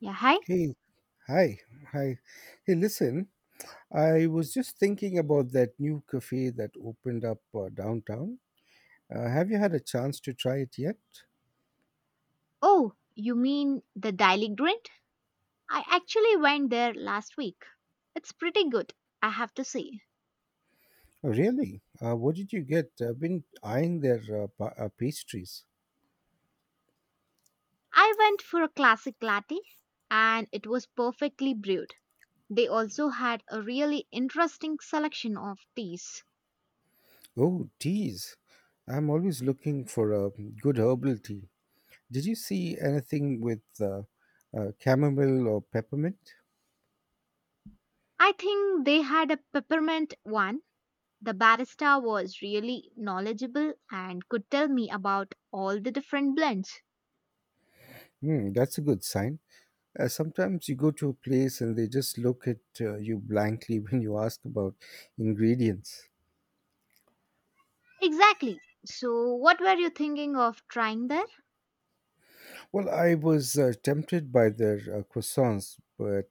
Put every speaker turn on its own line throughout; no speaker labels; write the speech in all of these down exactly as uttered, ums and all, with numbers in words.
Yeah, hi.
Hey, hi, hi. Hey, listen, I was just thinking about that new cafe that opened up uh, downtown. Uh, have you had a chance to try it yet?
Oh, you mean the Daily Grind? I actually went there last week. It's pretty good, I have to say.
Oh, really? Uh, what did you get? I've been eyeing their uh, pa- uh, pastries.
I went for a classic latte and it was perfectly brewed. They also had a really interesting selection of teas.
Oh, teas. I'm always looking for a good herbal tea. Did you see anything with uh, uh, chamomile or peppermint?
I think they had a peppermint one. The barista was really knowledgeable and could tell me about all the different blends.
Hmm, that's a good sign. Uh, sometimes you go to a place and they just look at uh, you blankly when you ask about ingredients.
Exactly. So, what were you thinking of trying there?
Well, I was uh, tempted by their uh, croissants, but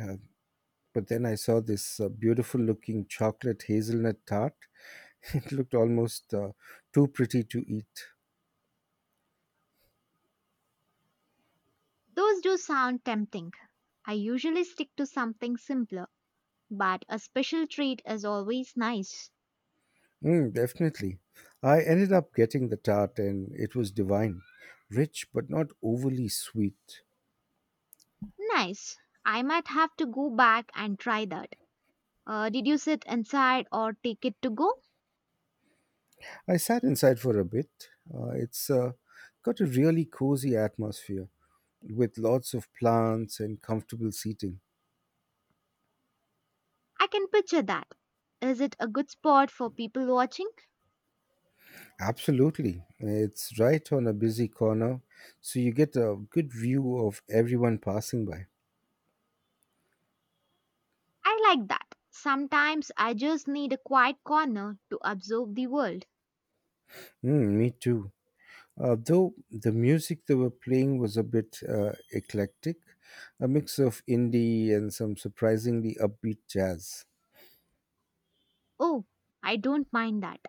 uh, but then I saw this uh, beautiful looking chocolate hazelnut tart. It looked almost uh, too pretty to eat.
Those do sound tempting. I usually stick to something simpler, but a special treat is always nice.
Mm, definitely. I ended up getting the tart and it was divine, rich but not overly sweet.
Nice. I might have to go back and try that. Uh, did you sit inside or take it to go?
I sat inside for a bit. Uh, it's uh, got a really cozy atmosphere with lots of plants and comfortable seating.
I can picture that. Is it a good spot for people watching?
Absolutely. It's right on a busy corner, so you get a good view of everyone passing by.
I like that. Sometimes I just need a quiet corner to observe the world.
Mm, me too. Uh, though the music they were playing was a bit uh, eclectic, a mix of indie and some surprisingly upbeat jazz.
Oh, I don't mind that.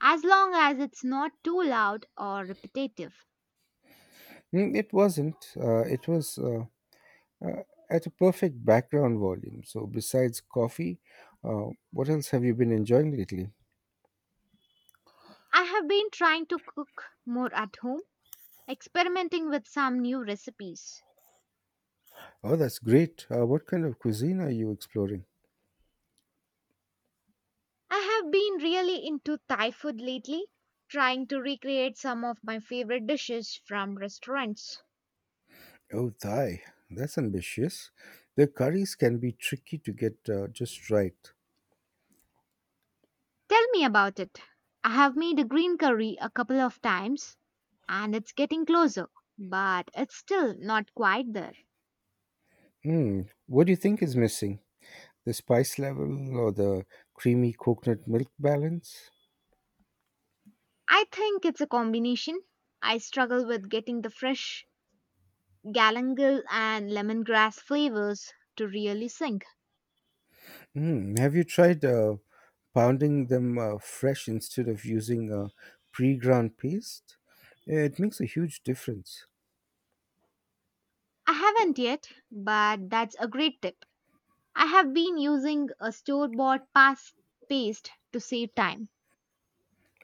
As long as it's not too loud or repetitive.
Mm, it wasn't. Uh, it was uh, uh, at a perfect background volume. So, besides coffee, uh, what else have you been enjoying lately?
I have been trying to cook more at home, experimenting with some new recipes.
Oh, that's great. Uh, what kind of cuisine are you exploring?
I have been really into Thai food lately, trying to recreate some of my favorite dishes from restaurants.
Oh, Thai. That's ambitious. The curries can be tricky to get uh, just right.
Tell me about it. I have made a green curry a couple of times and it's getting closer, but it's still not quite there.
Hmm. What do you think is missing? The spice level or the creamy coconut milk balance?
I think it's a combination. I struggle with getting the fresh galangal and lemongrass flavors to really sink.
Mm. Have you tried uh, pounding them uh, fresh instead of using a pre-ground paste? It makes a huge difference.
I haven't yet, but that's a great tip. I have been using a store bought past paste to save time.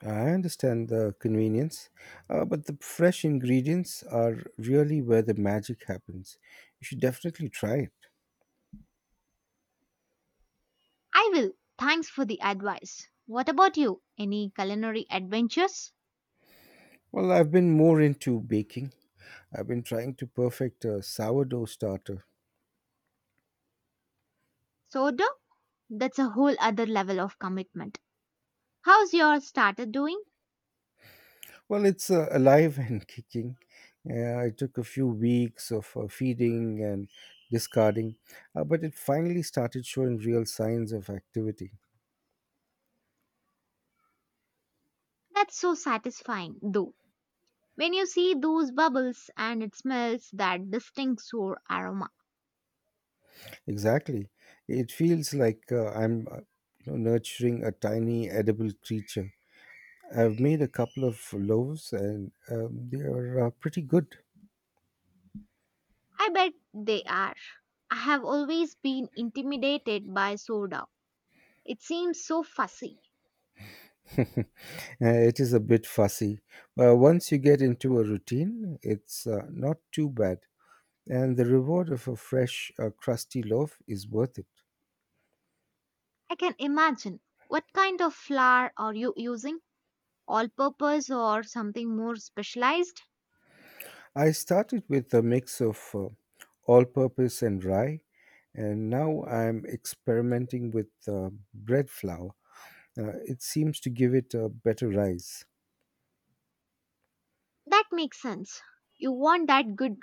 I understand the convenience, uh, but the fresh ingredients are really where the magic happens. You should definitely try it.
I will. Thanks for the advice. What about you? Any culinary adventures?
Well, I've been more into baking. I've been trying to perfect a sourdough starter.
Sourdough? That's a whole other level of commitment. How's your starter doing?
Well, it's uh, alive and kicking. Uh, it took a few weeks of uh, feeding and discarding, uh, but it finally started showing real signs of activity.
That's so satisfying, though. When you see those bubbles and it smells that distinct sour aroma.
Exactly. It feels like uh, I'm uh, you know, nurturing a tiny edible creature. I've made a couple of loaves and um, they are uh, pretty good.
I bet they are. I have always been intimidated by sourdough. It seems so fussy.
Uh, it is a bit fussy, but once you get into a routine, it's uh, not too bad. And the reward of a fresh, uh, crusty loaf is worth it.
I can imagine. What kind of flour are you using? All purpose or something more specialized?
I started with a mix of uh, all purpose and rye, and now I'm experimenting with uh, bread flour. Uh, it seems to give it a better rise.
That makes sense. You want that good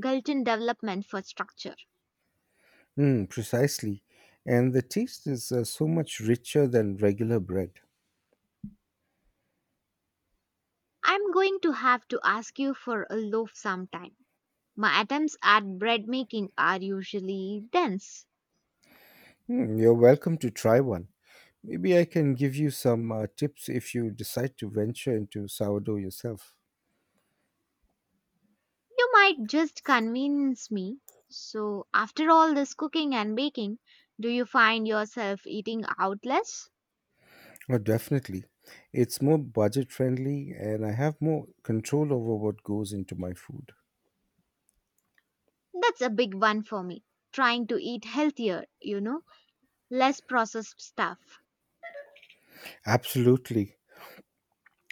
Galton development for structure.
Mm, precisely. And the taste is uh, so much richer than regular bread.
I'm going to have to ask you for a loaf sometime. My attempts at bread making are usually dense.
Hmm, you're welcome to try one. Maybe I can give you some uh, tips if you decide to venture into sourdough yourself.
You might just convince me. So, after all this cooking and baking, do you find yourself eating out less?
Oh, definitely. It's more budget friendly and I have more control over what goes into my food.
That's a big one for me. Trying to eat healthier, you know, less processed stuff.
Absolutely.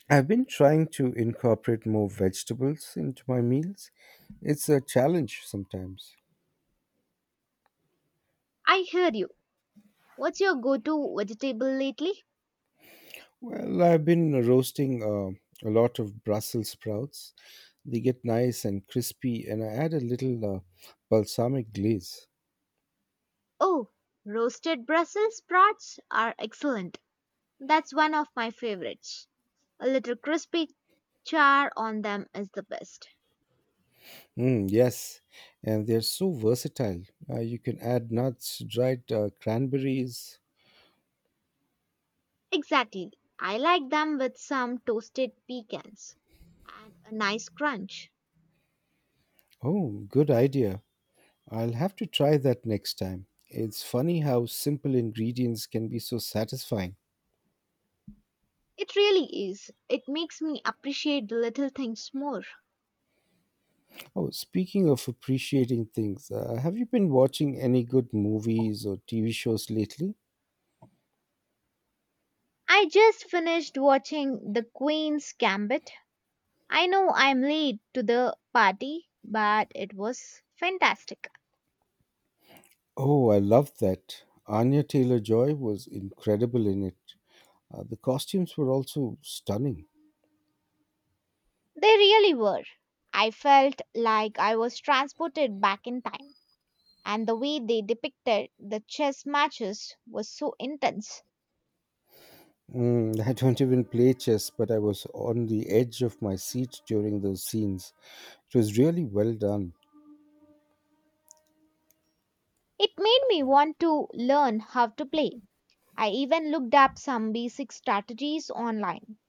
I've been trying to incorporate more vegetables into my meals. It's a challenge sometimes.
I hear you. What's your go to vegetable lately?
Well, I've been roasting uh, a lot of Brussels sprouts. They get nice and crispy, and I add a little uh, balsamic glaze.
Oh, roasted Brussels sprouts are excellent. That's one of my favorites. A little crispy char on them is the best.
Mm, yes, and they're so versatile. Uh, you can add nuts, dried uh, cranberries.
Exactly. I like them with some toasted pecans and a nice crunch.
Oh, good idea. I'll have to try that next time. It's funny how simple ingredients can be so satisfying.
It really is. It makes me appreciate the little things more.
Oh, speaking of appreciating things, uh, have you been watching any good movies or T V shows lately?
I just finished watching The Queen's Gambit. I know I'm late to the party, but it was fantastic.
Oh, I loved that. Anya Taylor Joy was incredible in it. Uh, the costumes were also stunning.
They really were. I felt like I was transported back in time, and the way they depicted the chess matches was so intense.
Mm, I don't even play chess, but I was on the edge of my seat during those scenes. It was really well done.
It made me want to learn how to play. I even looked up some basic strategies online.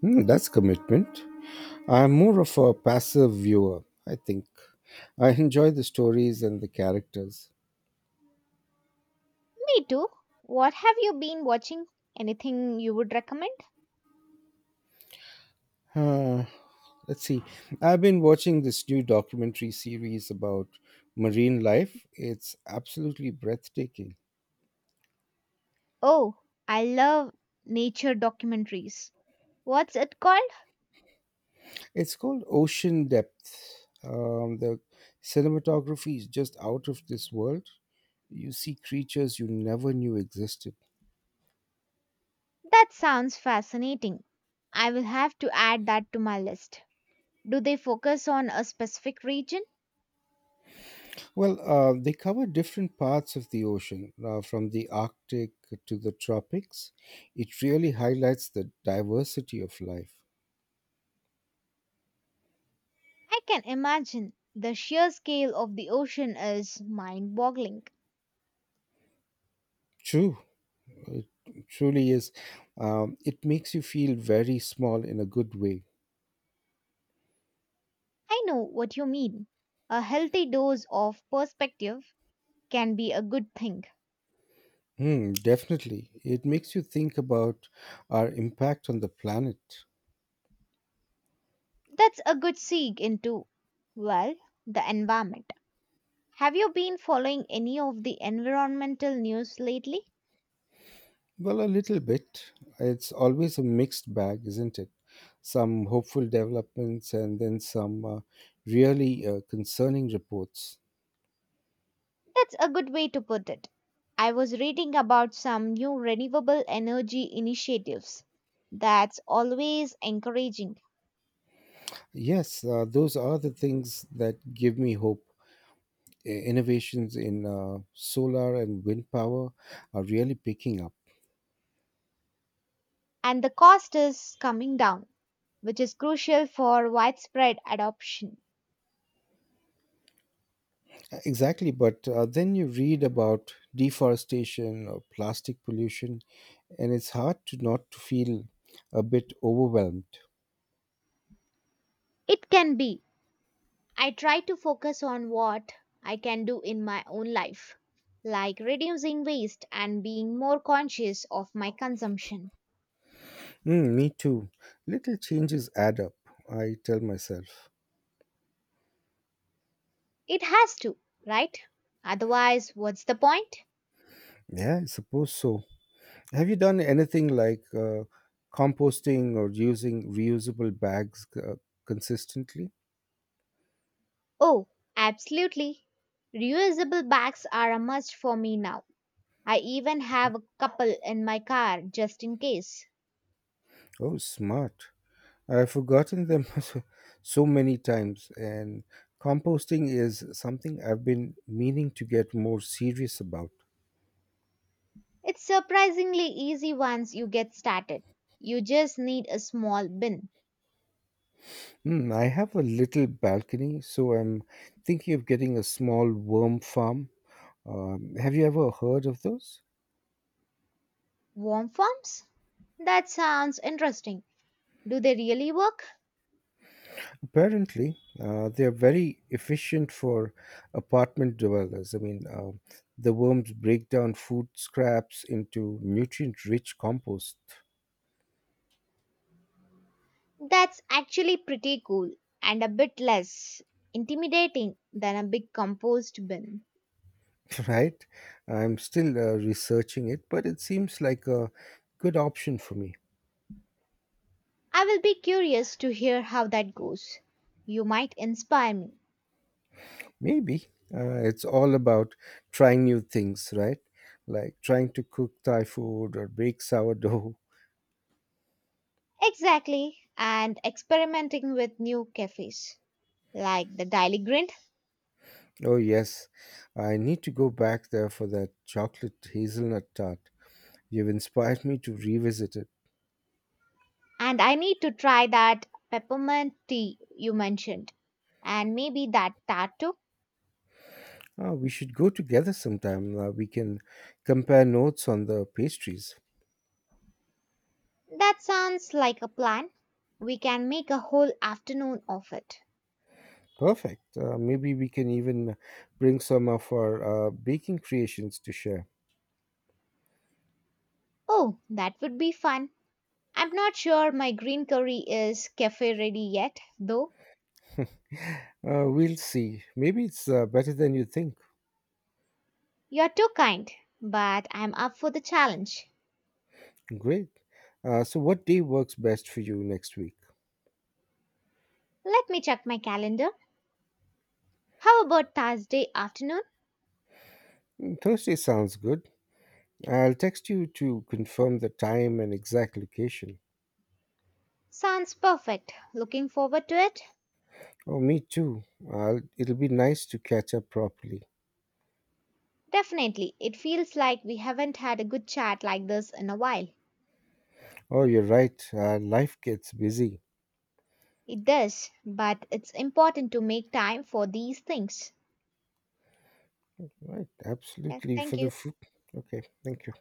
Hmm, that's commitment. I'm more of a passive viewer, I think. I enjoy the stories and the characters.
Me too. What have you been watching? Anything you would recommend?
Uh, let's see. I've been watching this new documentary series about marine life. It's absolutely breathtaking.
Oh, I love nature documentaries. What's it called?
It's called Ocean Depth. Um, the cinematography is just out of this world. You see creatures you never knew existed.
That sounds fascinating. I will have to add that to my list. Do they focus on a specific region?
Well, uh, they cover different parts of the ocean, uh, from the Arctic to the tropics. It really highlights the diversity of life.
I can imagine. The sheer scale of the ocean is mind boggling.
True, it truly is. Um, it makes you feel very small in a good way.
I know what you mean. A healthy dose of perspective can be a good thing.
Hmm, definitely. It makes you think about our impact on the planet.
That's a good seek into, well, the environment. Have you been following any of the environmental news lately?
Well, a little bit. It's always a mixed bag, isn't it? Some hopeful developments and then some uh, really uh, concerning reports.
That's a good way to put it. I was reading about some new renewable energy initiatives. That's always encouraging.
Yes, uh, those are the things that give me hope. I- Innovations in uh, solar and wind power are really picking up.
And the cost is coming down, which is crucial for widespread adoption.
Uh, Exactly, but uh, then you read about deforestation or plastic pollution, and it's hard to not to feel a bit overwhelmed.
It can be. I try to focus on what I can do in my own life, like reducing waste and being more conscious of my consumption.
Mm, me too. Little changes add up, I tell myself.
It has to, right? Otherwise, what's the point?
Yeah, I suppose so. Have you done anything like uh, composting or using reusable bags uh, consistently?
Oh, absolutely. Reusable bags are a must for me now. I even have a couple in my car just in case.
Oh, smart. I've forgotten them so so many times, and composting is something I've been meaning to get more serious about.
It's surprisingly easy once you get started. You just need a small bin.
Hmm, I have a little balcony, so I'm thinking of getting a small worm farm. Um, have you ever heard of those?
Warm forms? That sounds interesting. Do they really work?
Apparently, uh, they are very efficient for apartment dwellers. I mean, um the worms break down food scraps into nutrient rich compost.
That's actually pretty cool and a bit less intimidating than a big compost bin.
Right? I'm still uh, researching it, but it seems like a good option for me.
I will be curious to hear how that goes. You might inspire me.
Maybe uh, it's all about trying new things, right? Like trying to cook Thai food or bake sourdough.
Exactly, and experimenting with new cafes like the Daily Grind.
Oh, yes, I need to go back there for that chocolate hazelnut tart. You've inspired me to revisit it.
And I need to try that peppermint tea you mentioned, and maybe that tart too.
Ah, we should go together sometime. Uh, we can compare notes on the pastries.
That sounds like a plan. We can make a whole afternoon of it.
Perfect. Uh, maybe we can even bring some of our uh, baking creations to share.
Oh, that would be fun. I'm not sure my green curry is cafe ready yet, though.
Uh, we'll see. Maybe it's uh, better than you think.
You're too kind, but I'm up for the challenge.
Great. Uh, so, what day works best for you next week?
Let me check my calendar. How about Thursday afternoon?
Mm, Thursday sounds good. I'll text you to confirm the time and exact location.
Sounds perfect. Looking forward to it?
Oh, me too. I'll, it'll be nice to catch up properly.
Definitely. It feels like we haven't had a good chat like this in a while.
Oh, you're right. Uh, life gets busy.
It does, but it's important to make time for these things.
Right,
Yeah,
absolutely. For
thank
the
you.
food. Okay, thank you.